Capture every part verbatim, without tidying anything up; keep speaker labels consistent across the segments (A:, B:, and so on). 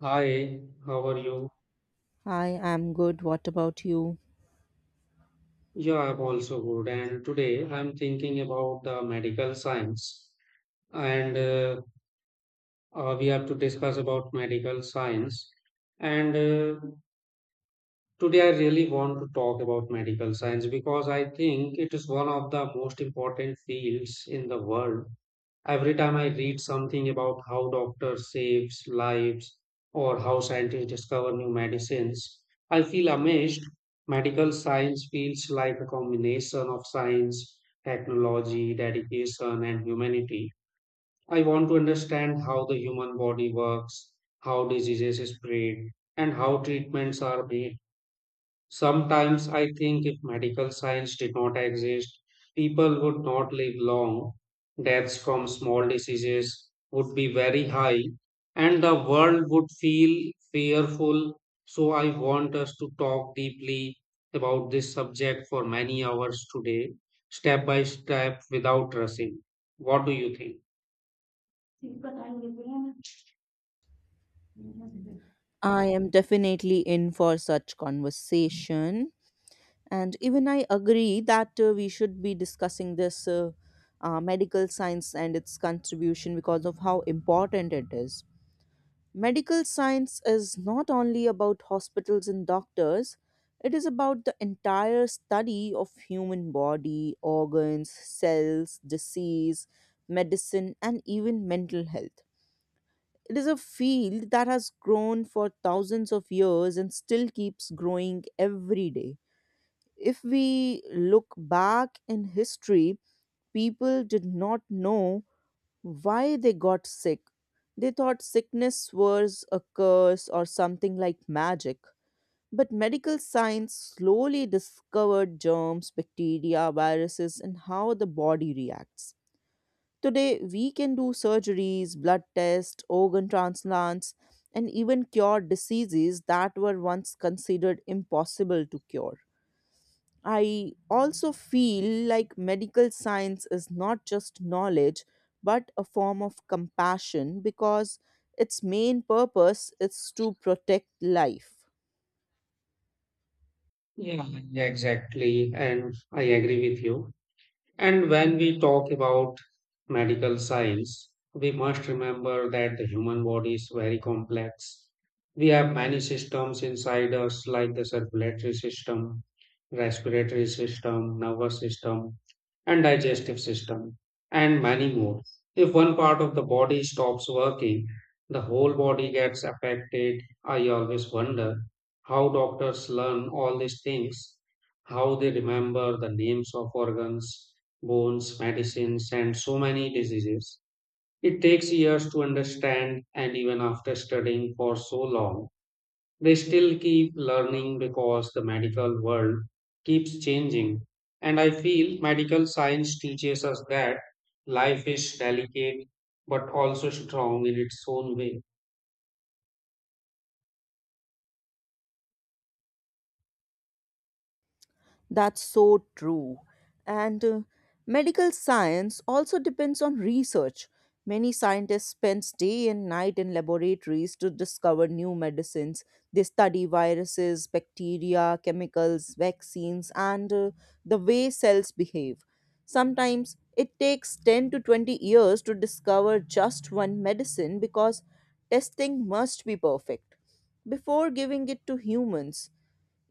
A: Hi, how are you?
B: I am good. What about you?
A: Yeah, I'm also good. And today I'm thinking about the medical science. And uh, uh, we have to discuss about medical science. And uh, Today I really want to talk about medical science because I think it is one of the most important fields in the world. Every time I read something about how doctors saves lives or how scientists discover new medicines, I feel amazed. Medical science feels like a combination of science, technology, dedication, and humanity. I want to understand how the human body works, how diseases spread, and how treatments are made. Sometimes I think if medical science did not exist, people would not live long. Deaths from small diseases would be very high, and the world would feel fearful. So, I want us to talk deeply about this subject for many hours today, step by step, without rushing. What do you think?
B: I am definitely in for such conversation. And even I agree that uh, we should be discussing this uh, uh, medical science and its contribution because of how important it is. Medical science is not only about hospitals and doctors, it is about the entire study of human body, organs, cells, disease, medicine, and even mental health. It is a field that has grown for thousands of years and still keeps growing every day. If we look back in history, people did not know why they got sick. They thought sickness was a curse or something like magic. But medical science slowly discovered germs, bacteria, viruses, and how the body reacts. Today, we can do surgeries, blood tests, organ transplants, and even cure diseases that were once considered impossible to cure. I also feel like medical science is not just knowledge but a form of compassion because its main purpose is to protect life.
A: Yeah, Yeah, exactly. And I agree with you. And when we talk about medical science, we must remember that the human body is very complex. We have many systems inside us, like the circulatory system, respiratory system, nervous system, and digestive system and many more. If one part of the body stops working, the whole body gets affected. I always wonder how doctors learn all these things, how they remember the names of organs, bones, medicines, and so many diseases. It takes years to understand, and even after studying for so long, they still keep learning because the medical world keeps changing. And I feel medical science teaches us that life is delicate but also strong in its own way.
B: That's so true. And uh, Medical science also depends on research. Many scientists spend day and night in laboratories to discover new medicines. They study viruses, bacteria, chemicals, vaccines, and uh, the way cells behave. Sometimes it takes ten to twenty years to discover just one medicine because testing must be perfect before giving it to humans.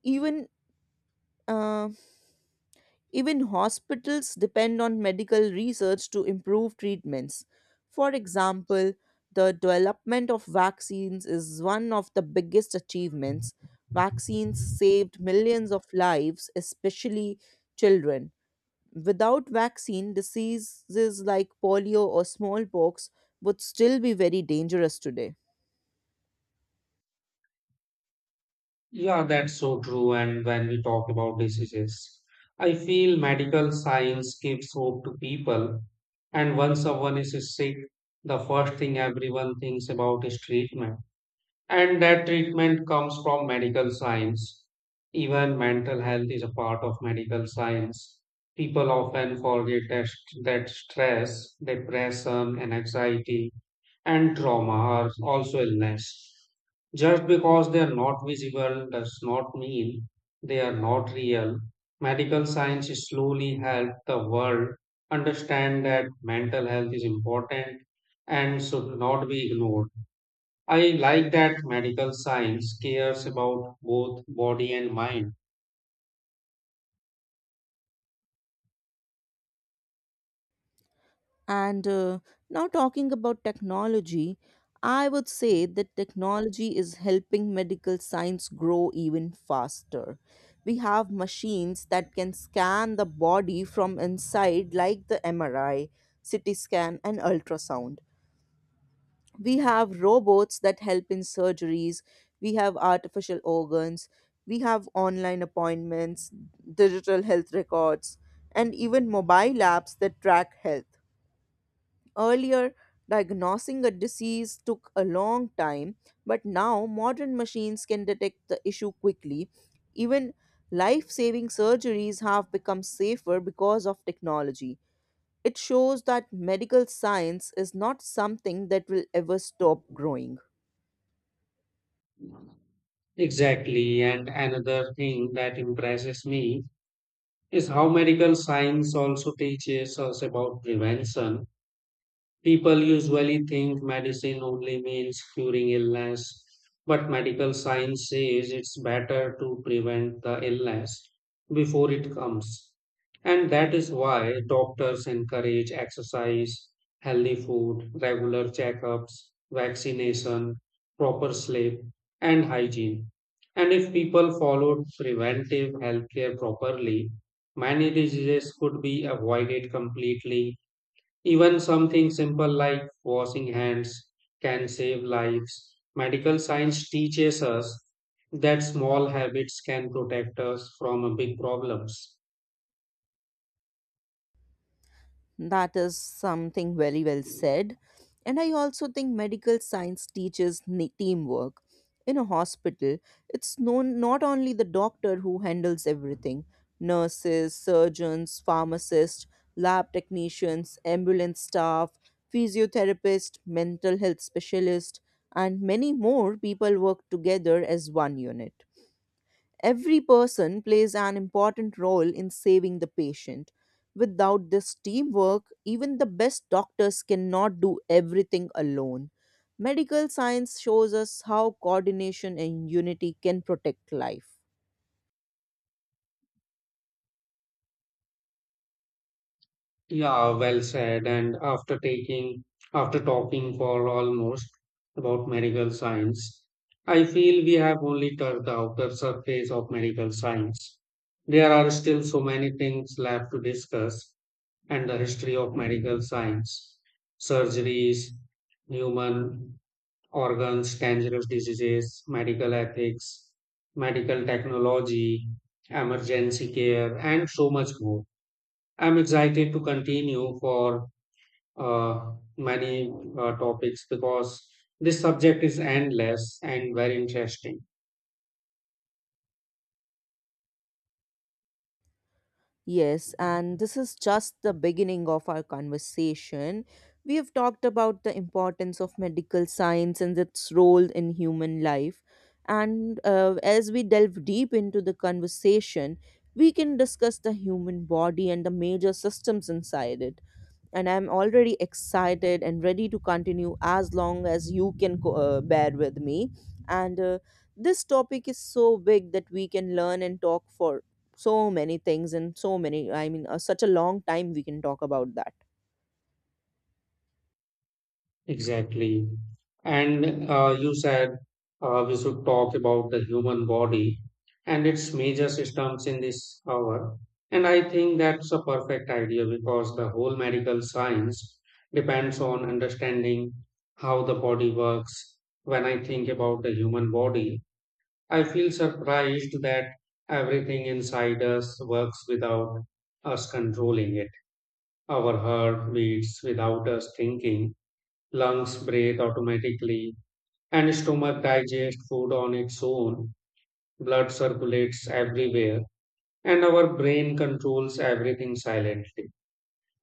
B: Even uh, even hospitals depend on medical research to improve treatments. For example, the development of vaccines is one of the biggest achievements. Vaccines saved millions of lives, especially children. Without vaccine, diseases like polio or smallpox would still be very dangerous today.
A: Yeah, that's so true. And when we talk about diseases, I feel medical science gives hope to people. And when someone is sick, the first thing everyone thinks about is treatment. And that treatment comes from medical science. Even mental health is a part of medical science. People often forget that, that stress, depression, and anxiety and trauma are also illness. Just because they are not visible does not mean they are not real. Medical science slowly helped the world understand that mental health is important and should not be ignored. I like that medical science cares about both body and mind.
B: And uh, now, talking about technology, I would say that technology is helping medical science grow even faster. We have machines that can scan the body from inside, like the M R I, C T scan, and ultrasound. We have robots that help in surgeries. We have artificial organs. We have online appointments, digital health records, and even mobile apps that track health. Earlier, diagnosing a disease took a long time, but now modern machines can detect the issue quickly. Even life saving surgeries have become safer because of technology. It shows that medical science is not something that will ever stop growing.
A: Exactly. And another thing that impresses me is how medical science also teaches us about prevention. People usually think medicine only means curing illness, but medical science says it's better to prevent the illness before it comes. And that is why doctors encourage exercise, healthy food, regular checkups, vaccination, proper sleep, and hygiene. And if people followed preventive healthcare properly, many diseases could be avoided completely, even something simple like washing hands can save lives. Medical science teaches us that small habits can protect us from uh, big problems.
B: That is something very well said. And I also think medical science teaches ne- teamwork. In a hospital, it's known not only the doctor who handles everything, nurses, surgeons, pharmacists, lab technicians, ambulance staff, physiotherapists, mental health specialists, and many more people work together as one unit. Every person plays an important role in saving the patient. Without this teamwork, even the best doctors cannot do everything alone. Medical science shows us how coordination and unity can protect life.
A: Yeah, well said. And after taking, after talking for almost about medical science, I feel we have only touched the outer surface of medical science. There are still so many things left to discuss, and the history of medical science, surgeries, human organs, dangerous diseases, medical ethics, medical technology, emergency care, and so much more. I'm excited to continue for uh, many uh, topics because this subject is endless and very interesting.
B: Yes, and this is just the beginning of our conversation. We have talked about the importance of medical science and its role in human life. And uh, As we delve deep into the conversation, we can discuss the human body and the major systems inside it, and I'm already excited and ready to continue as long as you can co- uh, bear with me. And uh, This topic is so big that we can learn and talk for so many things, and so many, I mean, uh, such a long time we can talk about that.
A: Exactly. And uh, you said uh, we should talk about the human body and its major systems in this hour. And I think that's a perfect idea because the whole medical science depends on understanding how the body works. When I think about the human body, I feel surprised that everything inside us works without us controlling it. Our heart beats without us thinking, lungs breathe automatically, and stomach digests food on its own. Blood circulates everywhere, and our brain controls everything silently.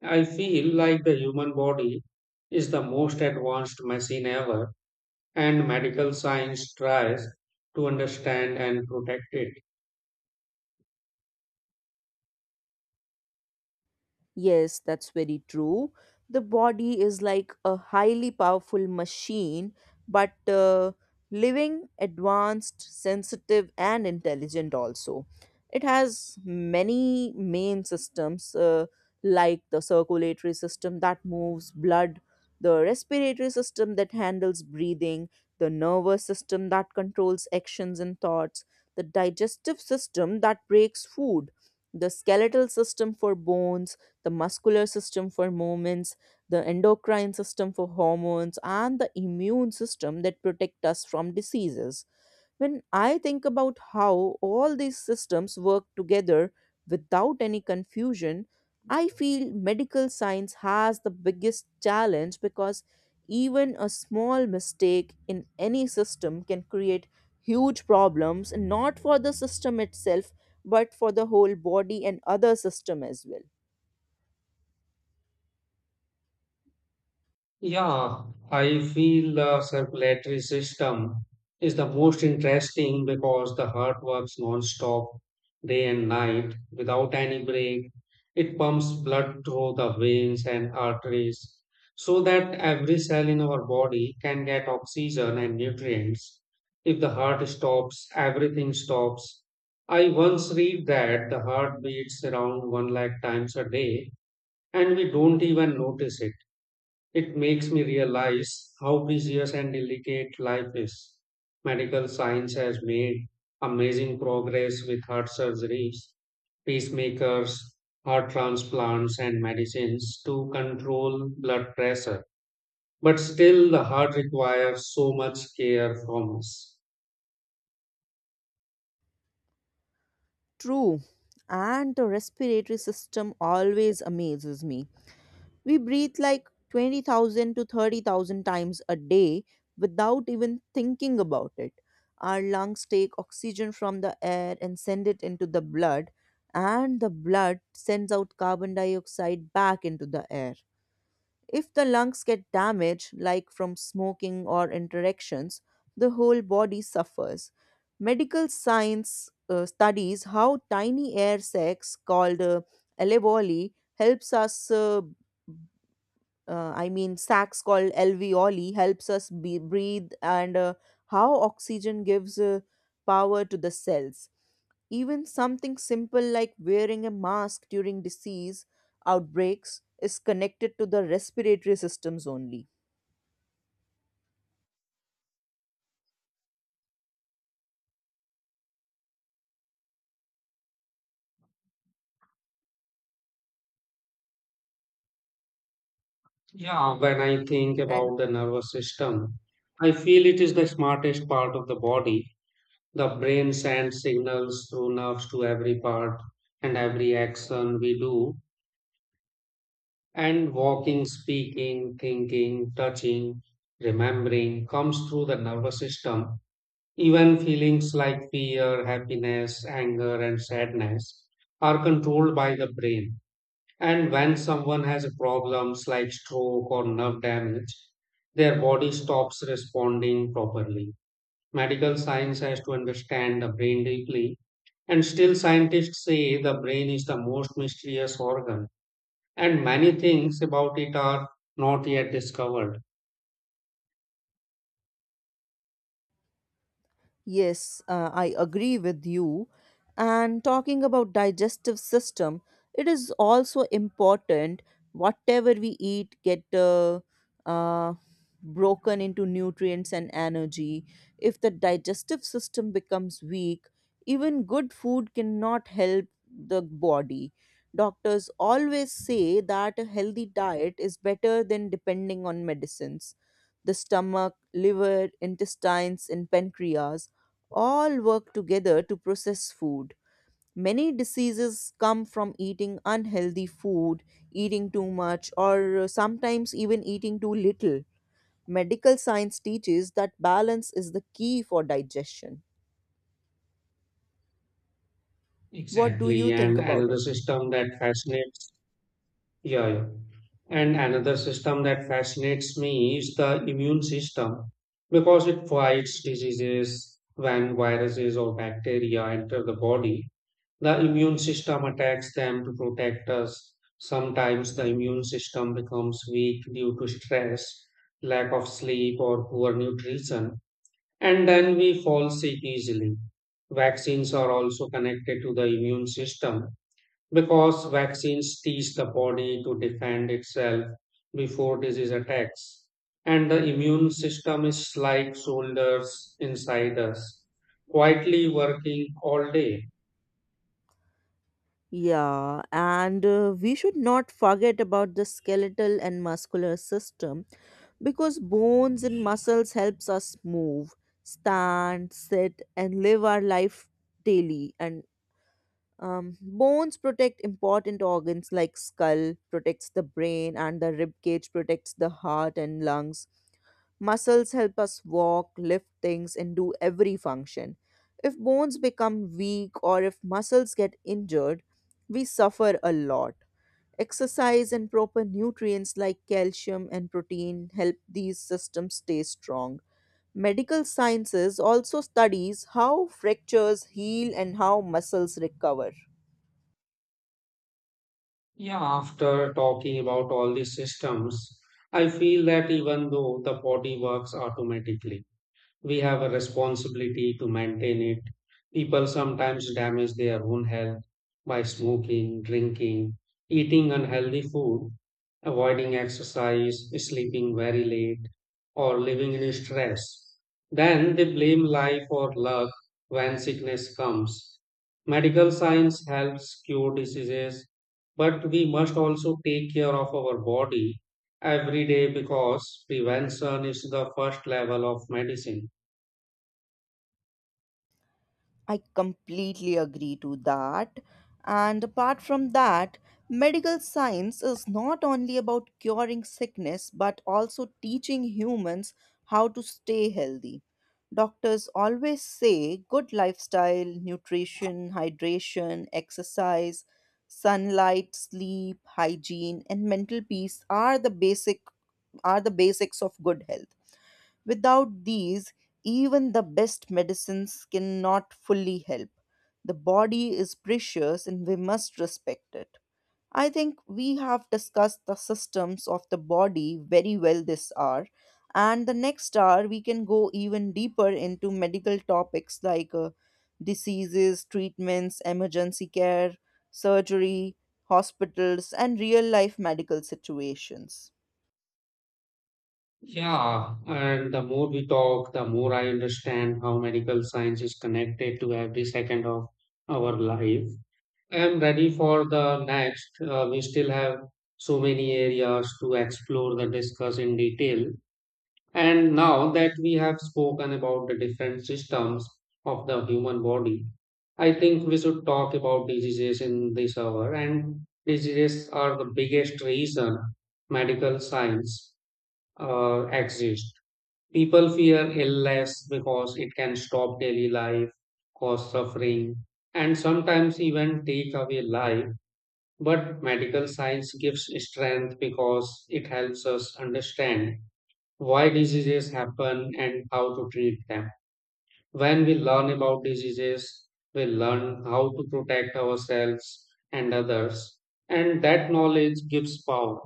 A: I feel like the human body is the most advanced machine ever, and medical science tries to understand and protect it.
B: Yes, that's very true. The body is like a highly powerful machine, but uh, living, advanced, sensitive, and intelligent also. It has many main systems, uh, like the circulatory system that moves blood, the respiratory system that handles breathing, the nervous system that controls actions and thoughts, the digestive system that breaks food, the skeletal system for bones, the muscular system for movements, the endocrine system for hormones, and the immune system that protect us from diseases. When I think about how all these systems work together without any confusion, I feel medical science has the biggest challenge because even a small mistake in any system can create huge problems, not for the system itself, but for the whole body and other system as well.
A: Yeah, I feel the circulatory system is the most interesting because the heart works non-stop day and night without any break. It pumps blood through the veins and arteries so that every cell in our body can get oxygen and nutrients. If the heart stops, everything stops. I once read that the heart beats around one lakh times a day and we don't even notice it. It makes me realize how precious and delicate life is. Medical science has made amazing progress with heart surgeries, pacemakers, heart transplants, and medicines to control blood pressure. But still, the heart requires so much care from us.
B: True. And the respiratory system always amazes me. We breathe like twenty thousand to thirty thousand times a day without even thinking about it. Our lungs take oxygen from the air and send it into the blood, and the blood sends out carbon dioxide back into the air. If the lungs get damaged, like from smoking or interactions, the whole body suffers. Medical science uh, studies how tiny air sacs called uh, alveoli helps us. Uh, uh, I mean, sacs called alveoli helps us be, breathe, and uh, how oxygen gives uh, power to the cells. Even something simple like wearing a mask during disease outbreaks is connected to the respiratory systems only.
A: Yeah, when I think about the nervous system, I feel it is the smartest part of the body. The brain sends signals through nerves to every part and every action we do. And walking, speaking, thinking, touching, remembering comes through the nervous system. Even feelings like fear, happiness, anger, and sadness are controlled by the brain. And when someone has problems like stroke or nerve damage, their body stops responding properly. Medical science has to understand the brain deeply, and still scientists say the brain is the most mysterious organ, and many things about it are not yet discovered.
B: Yes, uh, I agree with you. And talking about digestive system, it is also important whatever we eat get uh, uh, broken into nutrients and energy. If the digestive system becomes weak, even good food cannot help the body. Doctors always say that a healthy diet is better than depending on medicines. The stomach, liver, intestines, and pancreas all work together to process food. Many diseases come from eating unhealthy food, eating too much, or uh, sometimes even eating too little. Medical science teaches that balance is the key for digestion. What do you
A: Exactly, and
B: think about
A: another
B: it?
A: system that fascinates yeah, yeah. and another system that fascinates me is the immune system because it fights diseases when viruses or bacteria enter the body. The immune system attacks them to protect us. Sometimes the immune system becomes weak due to stress, lack of sleep, or poor nutrition, and then we fall sick easily. Vaccines are also connected to the immune system because vaccines teach the body to defend itself before disease attacks. And the immune system is like soldiers inside us, quietly working all day.
B: Yeah, and uh, we should not forget about the skeletal and muscular system because bones and muscles helps us move, stand, sit, and live our life daily. And um, bones protect important organs, like skull protects the brain and the rib cage protects the heart and lungs. Muscles help us walk, lift things, and do every function. If bones become weak or if muscles get injured, we suffer a lot. Exercise and proper nutrients like calcium and protein help these systems stay strong. Medical sciences also studies how fractures heal and how muscles recover.
A: Yeah, after talking about all these systems, I feel that even though the body works automatically, we have a responsibility to maintain it. People sometimes damage their own health by smoking, drinking, eating unhealthy food, avoiding exercise, sleeping very late, or living in stress. Then they blame life or luck when sickness comes. Medical science helps cure diseases, but we must also take care of our body every day because prevention is the first level of medicine.
B: I completely agree to that. And apart from that, medical science is not only about curing sickness but also teaching humans how to stay healthy. Doctors always say good lifestyle, nutrition, hydration, exercise, sunlight, sleep, hygiene, and mental peace are the basic are the basics of good health. Without these, even the best medicines cannot fully help. The body is precious and we must respect it. I think we have discussed the systems of the body very well this hour. And the next hour, we can go even deeper into medical topics like uh, diseases, treatments, emergency care, surgery, hospitals, and real life medical situations.
A: Yeah, and the more we talk, the more I understand how medical science is connected to every second of our life. I'm ready for the next. Uh, we still have so many areas to explore and discuss in detail. And now that we have spoken about the different systems of the human body, I think we should talk about diseases in this hour. And diseases are the biggest reason medical science uh, exists. People fear illness because it can stop daily life, cause suffering, and sometimes even take away life. But medical science gives strength because it helps us understand why diseases happen and how to treat them. When we learn about diseases, we learn how to protect ourselves and others, and that knowledge gives power.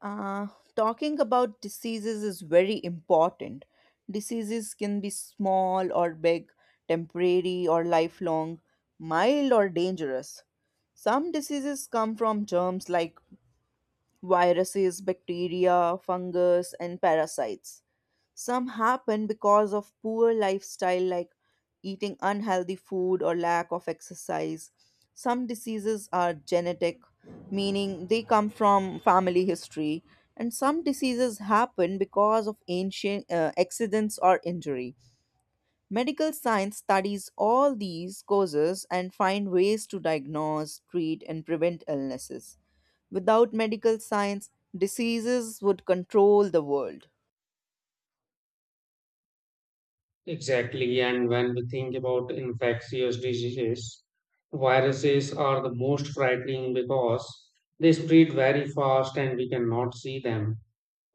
B: Uh, talking about diseases is very important. Diseases can be small or big, temporary or lifelong, mild or dangerous. Some diseases come from germs like viruses, bacteria, fungus, and parasites. Some happen because of poor lifestyle, like eating unhealthy food or lack of exercise. Some diseases are genetic, meaning they come from family history. And some diseases happen because of ancient uh, accidents or injury. Medical science studies all these causes and find ways to diagnose, treat, and prevent illnesses. Without medical science, diseases would control the world.
A: Exactly. And when we think about infectious diseases, viruses are the most frightening because they spread very fast and we cannot see them.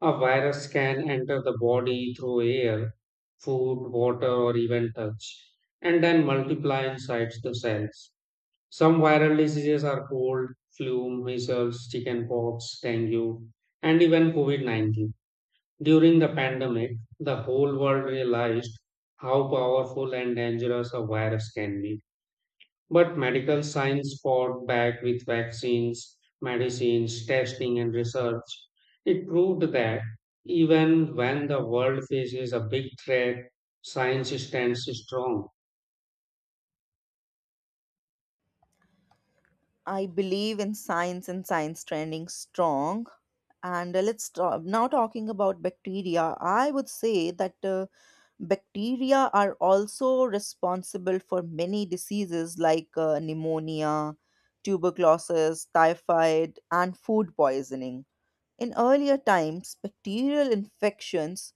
A: A virus can enter the body through air, food, water, or even touch, and then multiply inside the cells. Some viral diseases are cold, flu, measles, chickenpox, dengue, and even COVID nineteen. During the pandemic, the whole world realized how powerful and dangerous a virus can be. But medical science fought back with vaccines, medicines, testing, and research. It proved that even when the world faces a big threat, science stands strong.
B: I believe in science and science trending strong. And uh, let's talk, now talking about bacteria, I would say that uh, bacteria are also responsible for many diseases like uh, pneumonia, tuberculosis, typhoid, and food poisoning. In earlier times, bacterial infections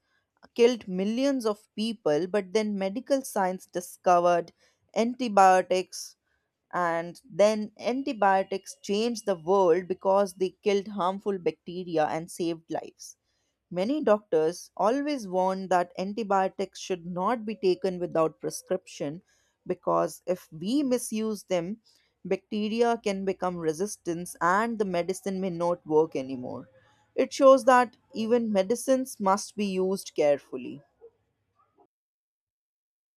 B: killed millions of people, but then medical science discovered antibiotics, and then antibiotics changed the world because they killed harmful bacteria and saved lives. Many doctors always warn that antibiotics should not be taken without prescription because if we misuse them, bacteria can become resistant and the medicine may not work anymore. It shows that even medicines must be used carefully.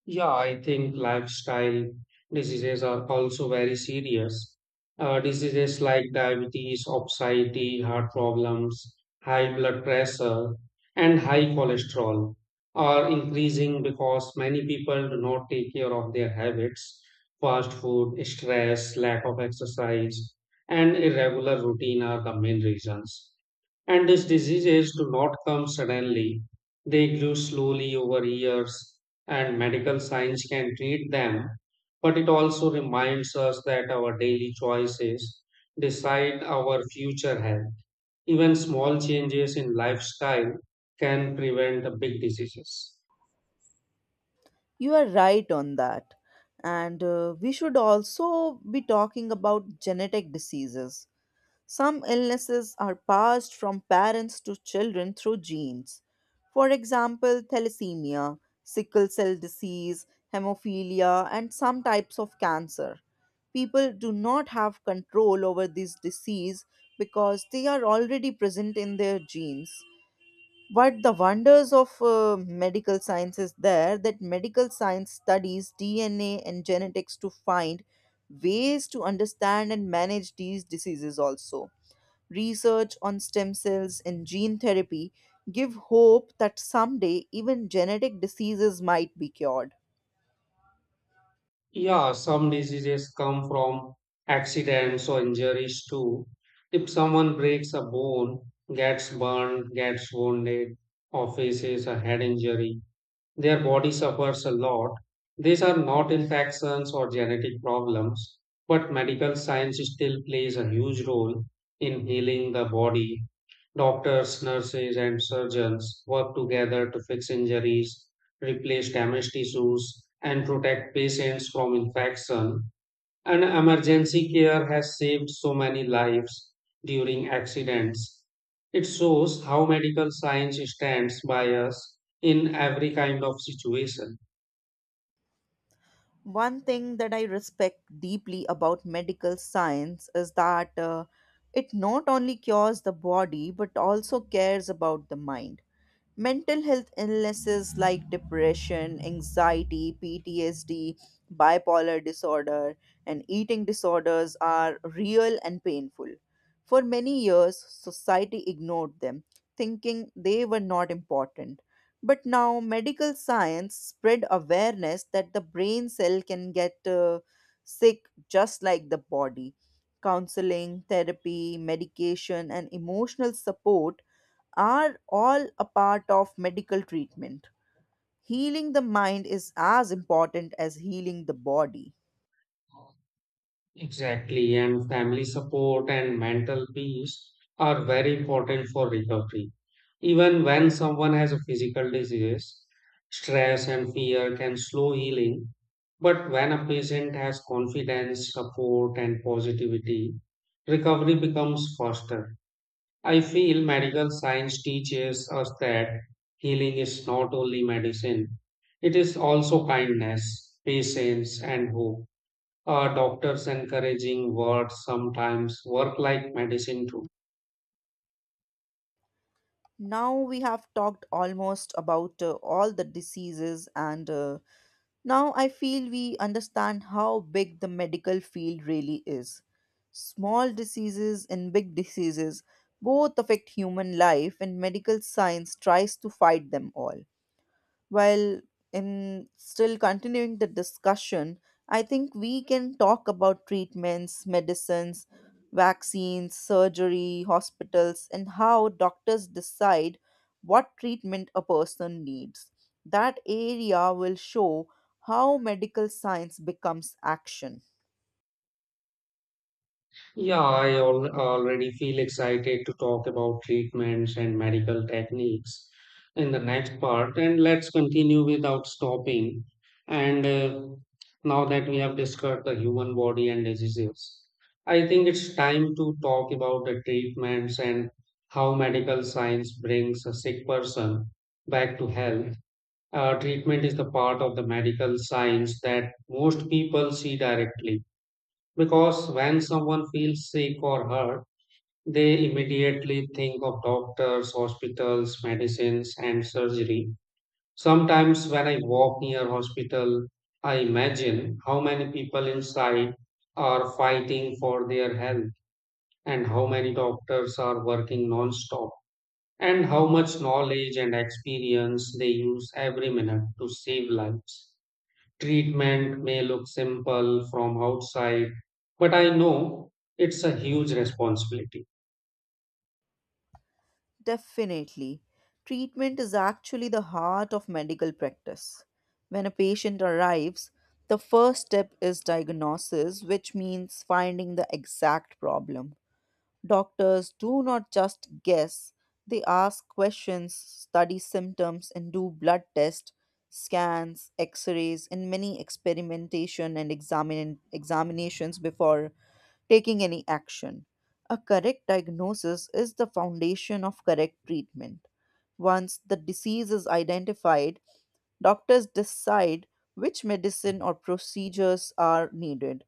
A: Yeah, I think lifestyle diseases are also very serious. Uh, diseases like diabetes, obesity, heart problems, high blood pressure, and high cholesterol are increasing because many people do not take care of their habits. Fast food, stress, lack of exercise, and irregular routine are the main reasons. And these diseases do not come suddenly, they grew slowly over years, and medical science can treat them. But it also reminds us that our daily choices decide our future health. Even small changes in lifestyle can prevent the big diseases.
B: You are right on that. And uh, we should also be talking about genetic diseases. Some illnesses are passed from parents to children through genes. For example, thalassemia, sickle cell disease, hemophilia, and some types of cancer. People do not have control over this disease because they are already present in their genes. But the wonders of uh, medical science is there that medical science studies D N A and genetics to find ways to understand and manage these diseases also. Research on stem cells and gene therapy give hope that someday even genetic diseases might be cured.
A: Yeah, some diseases come from accidents or injuries too. If someone breaks a bone, gets burned, gets wounded, or faces a head injury, their body suffers a lot. These are not infections or genetic problems, but medical science still plays a huge role in healing the body. Doctors, nurses, and surgeons work together to fix injuries, replace damaged tissues, and protect patients from infection. And emergency care has saved so many lives during accidents. It shows how medical science stands by us in every kind of situation.
B: One thing that I respect deeply about medical science is that uh, it not only cures the body but also cares about the mind. Mental health illnesses like depression, anxiety, P T S D, bipolar disorder, and eating disorders are real and painful. For many years, society ignored them, thinking they were not important. But now medical science spread awareness that the brain cell can get uh, sick just like the body. Counseling, therapy, medication, and emotional support are all a part of medical treatment. Healing the mind is as important as healing the body.
A: Exactly, and family support and mental peace are very important for recovery. Even when someone has a physical disease, stress and fear can slow healing. But when a patient has confidence, support, and positivity, recovery becomes faster. I feel medical science teaches us that healing is not only medicine, it is also kindness, patience, and hope. Uh, doctors encouraging words sometimes work like medicine too.
B: Now we have talked almost about uh, all the diseases, and uh, now I feel we understand how big the medical field really is. Small diseases and big diseases both affect human life, and medical science tries to fight them all. While in still continuing the discussion, I think we can talk about treatments, medicines, vaccines, surgery, hospitals, and how doctors decide what treatment a person needs. That area will show how medical science becomes action.
A: Yeah, I al- already feel excited to talk about treatments and medical techniques in the next part, and let's continue without stopping. And uh, now that we have discussed the human body and diseases, I think it's time to talk about the treatments and how medical science brings a sick person back to health. Uh, treatment is the part of the medical science that most people see directly because when someone feels sick or hurt, they immediately think of doctors, hospitals, medicines, and surgery. Sometimes when I walk near hospital, I imagine how many people inside are fighting for their health, and how many doctors are working non-stop, and how much knowledge and experience they use every minute to save lives. Treatment may look simple from outside, but I know it's a huge responsibility.
B: Definitely. Treatment is actually the heart of medical practice. When a patient arrives, the first step is diagnosis, which means finding the exact problem. Doctors do not just guess, they ask questions, study symptoms, and do blood tests, scans, x rays, and many experimentation and examine- examinations before taking any action. A correct diagnosis is the foundation of correct treatment. Once the disease is identified, doctors decide which medicine or procedures are needed.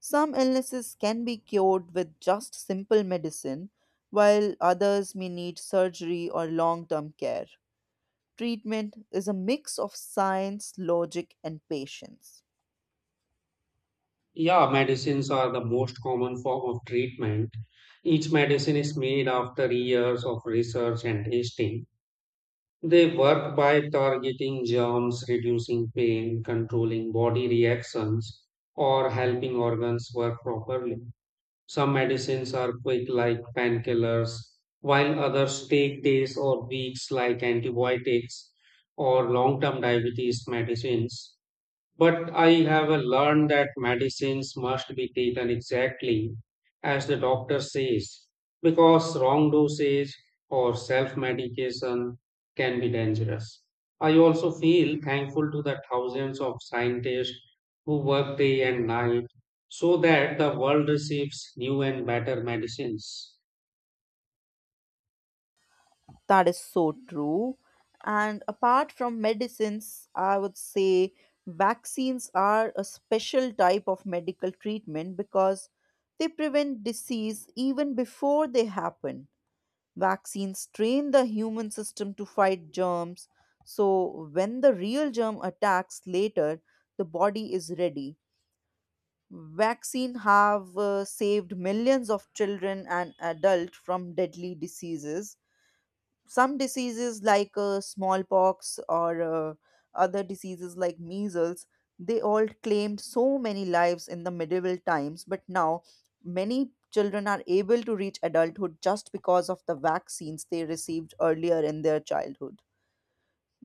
B: Some illnesses can be cured with just simple medicine, while others may need surgery or long term care. Treatment is a mix of science, logic, and patience.
A: Yeah, medicines are the most common form of treatment. Each medicine is made after years of research and testing. They work by targeting germs, reducing pain, controlling body reactions, or helping organs work properly. Some medicines are quick, like painkillers, while others take days or weeks, like antibiotics or long term diabetes medicines. But I have uh, learned that medicines must be taken exactly as the doctor says, because wrong dosage or self medication can be dangerous. I also feel thankful to the thousands of scientists who work day and night so that the world receives new and better medicines.
B: That is so true. And apart from medicines, I would say vaccines are a special type of medical treatment because they prevent disease even before they happen. Vaccines train the human system to fight germs, so when the real germ attacks later, the body is ready. Vaccine have uh, saved millions of children and adults from deadly diseases. Some diseases like uh, smallpox or uh, other diseases like measles, they all claimed so many lives in the medieval times, but now many children are able to reach adulthood just because of the vaccines they received earlier in their childhood.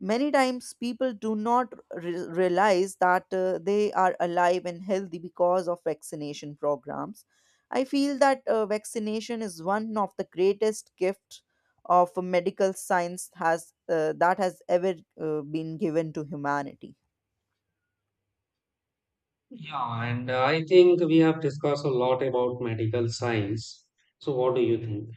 B: Many times people do not re- realize that uh, they are alive and healthy because of vaccination programs. I feel that uh, vaccination is one of the greatest gift of medical science has uh, that has ever uh, been given to humanity.
A: Yeah, and uh, I think we have discussed a lot about medical science. So, what do you think?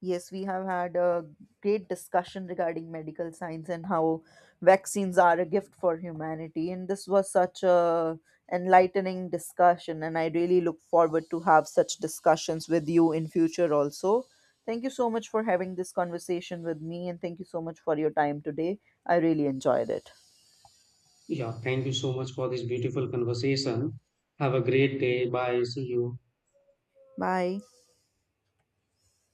B: Yes, we have had a great discussion regarding medical science and how vaccines are a gift for humanity. And this was such a enlightening discussion, and I really look forward to have such discussions with you in future also. Thank you so much for having this conversation with me, and thank you so much for your time today. I really enjoyed it.
A: Yeah, thank you so much for this beautiful conversation. Have a great day. Bye. See you.
B: Bye.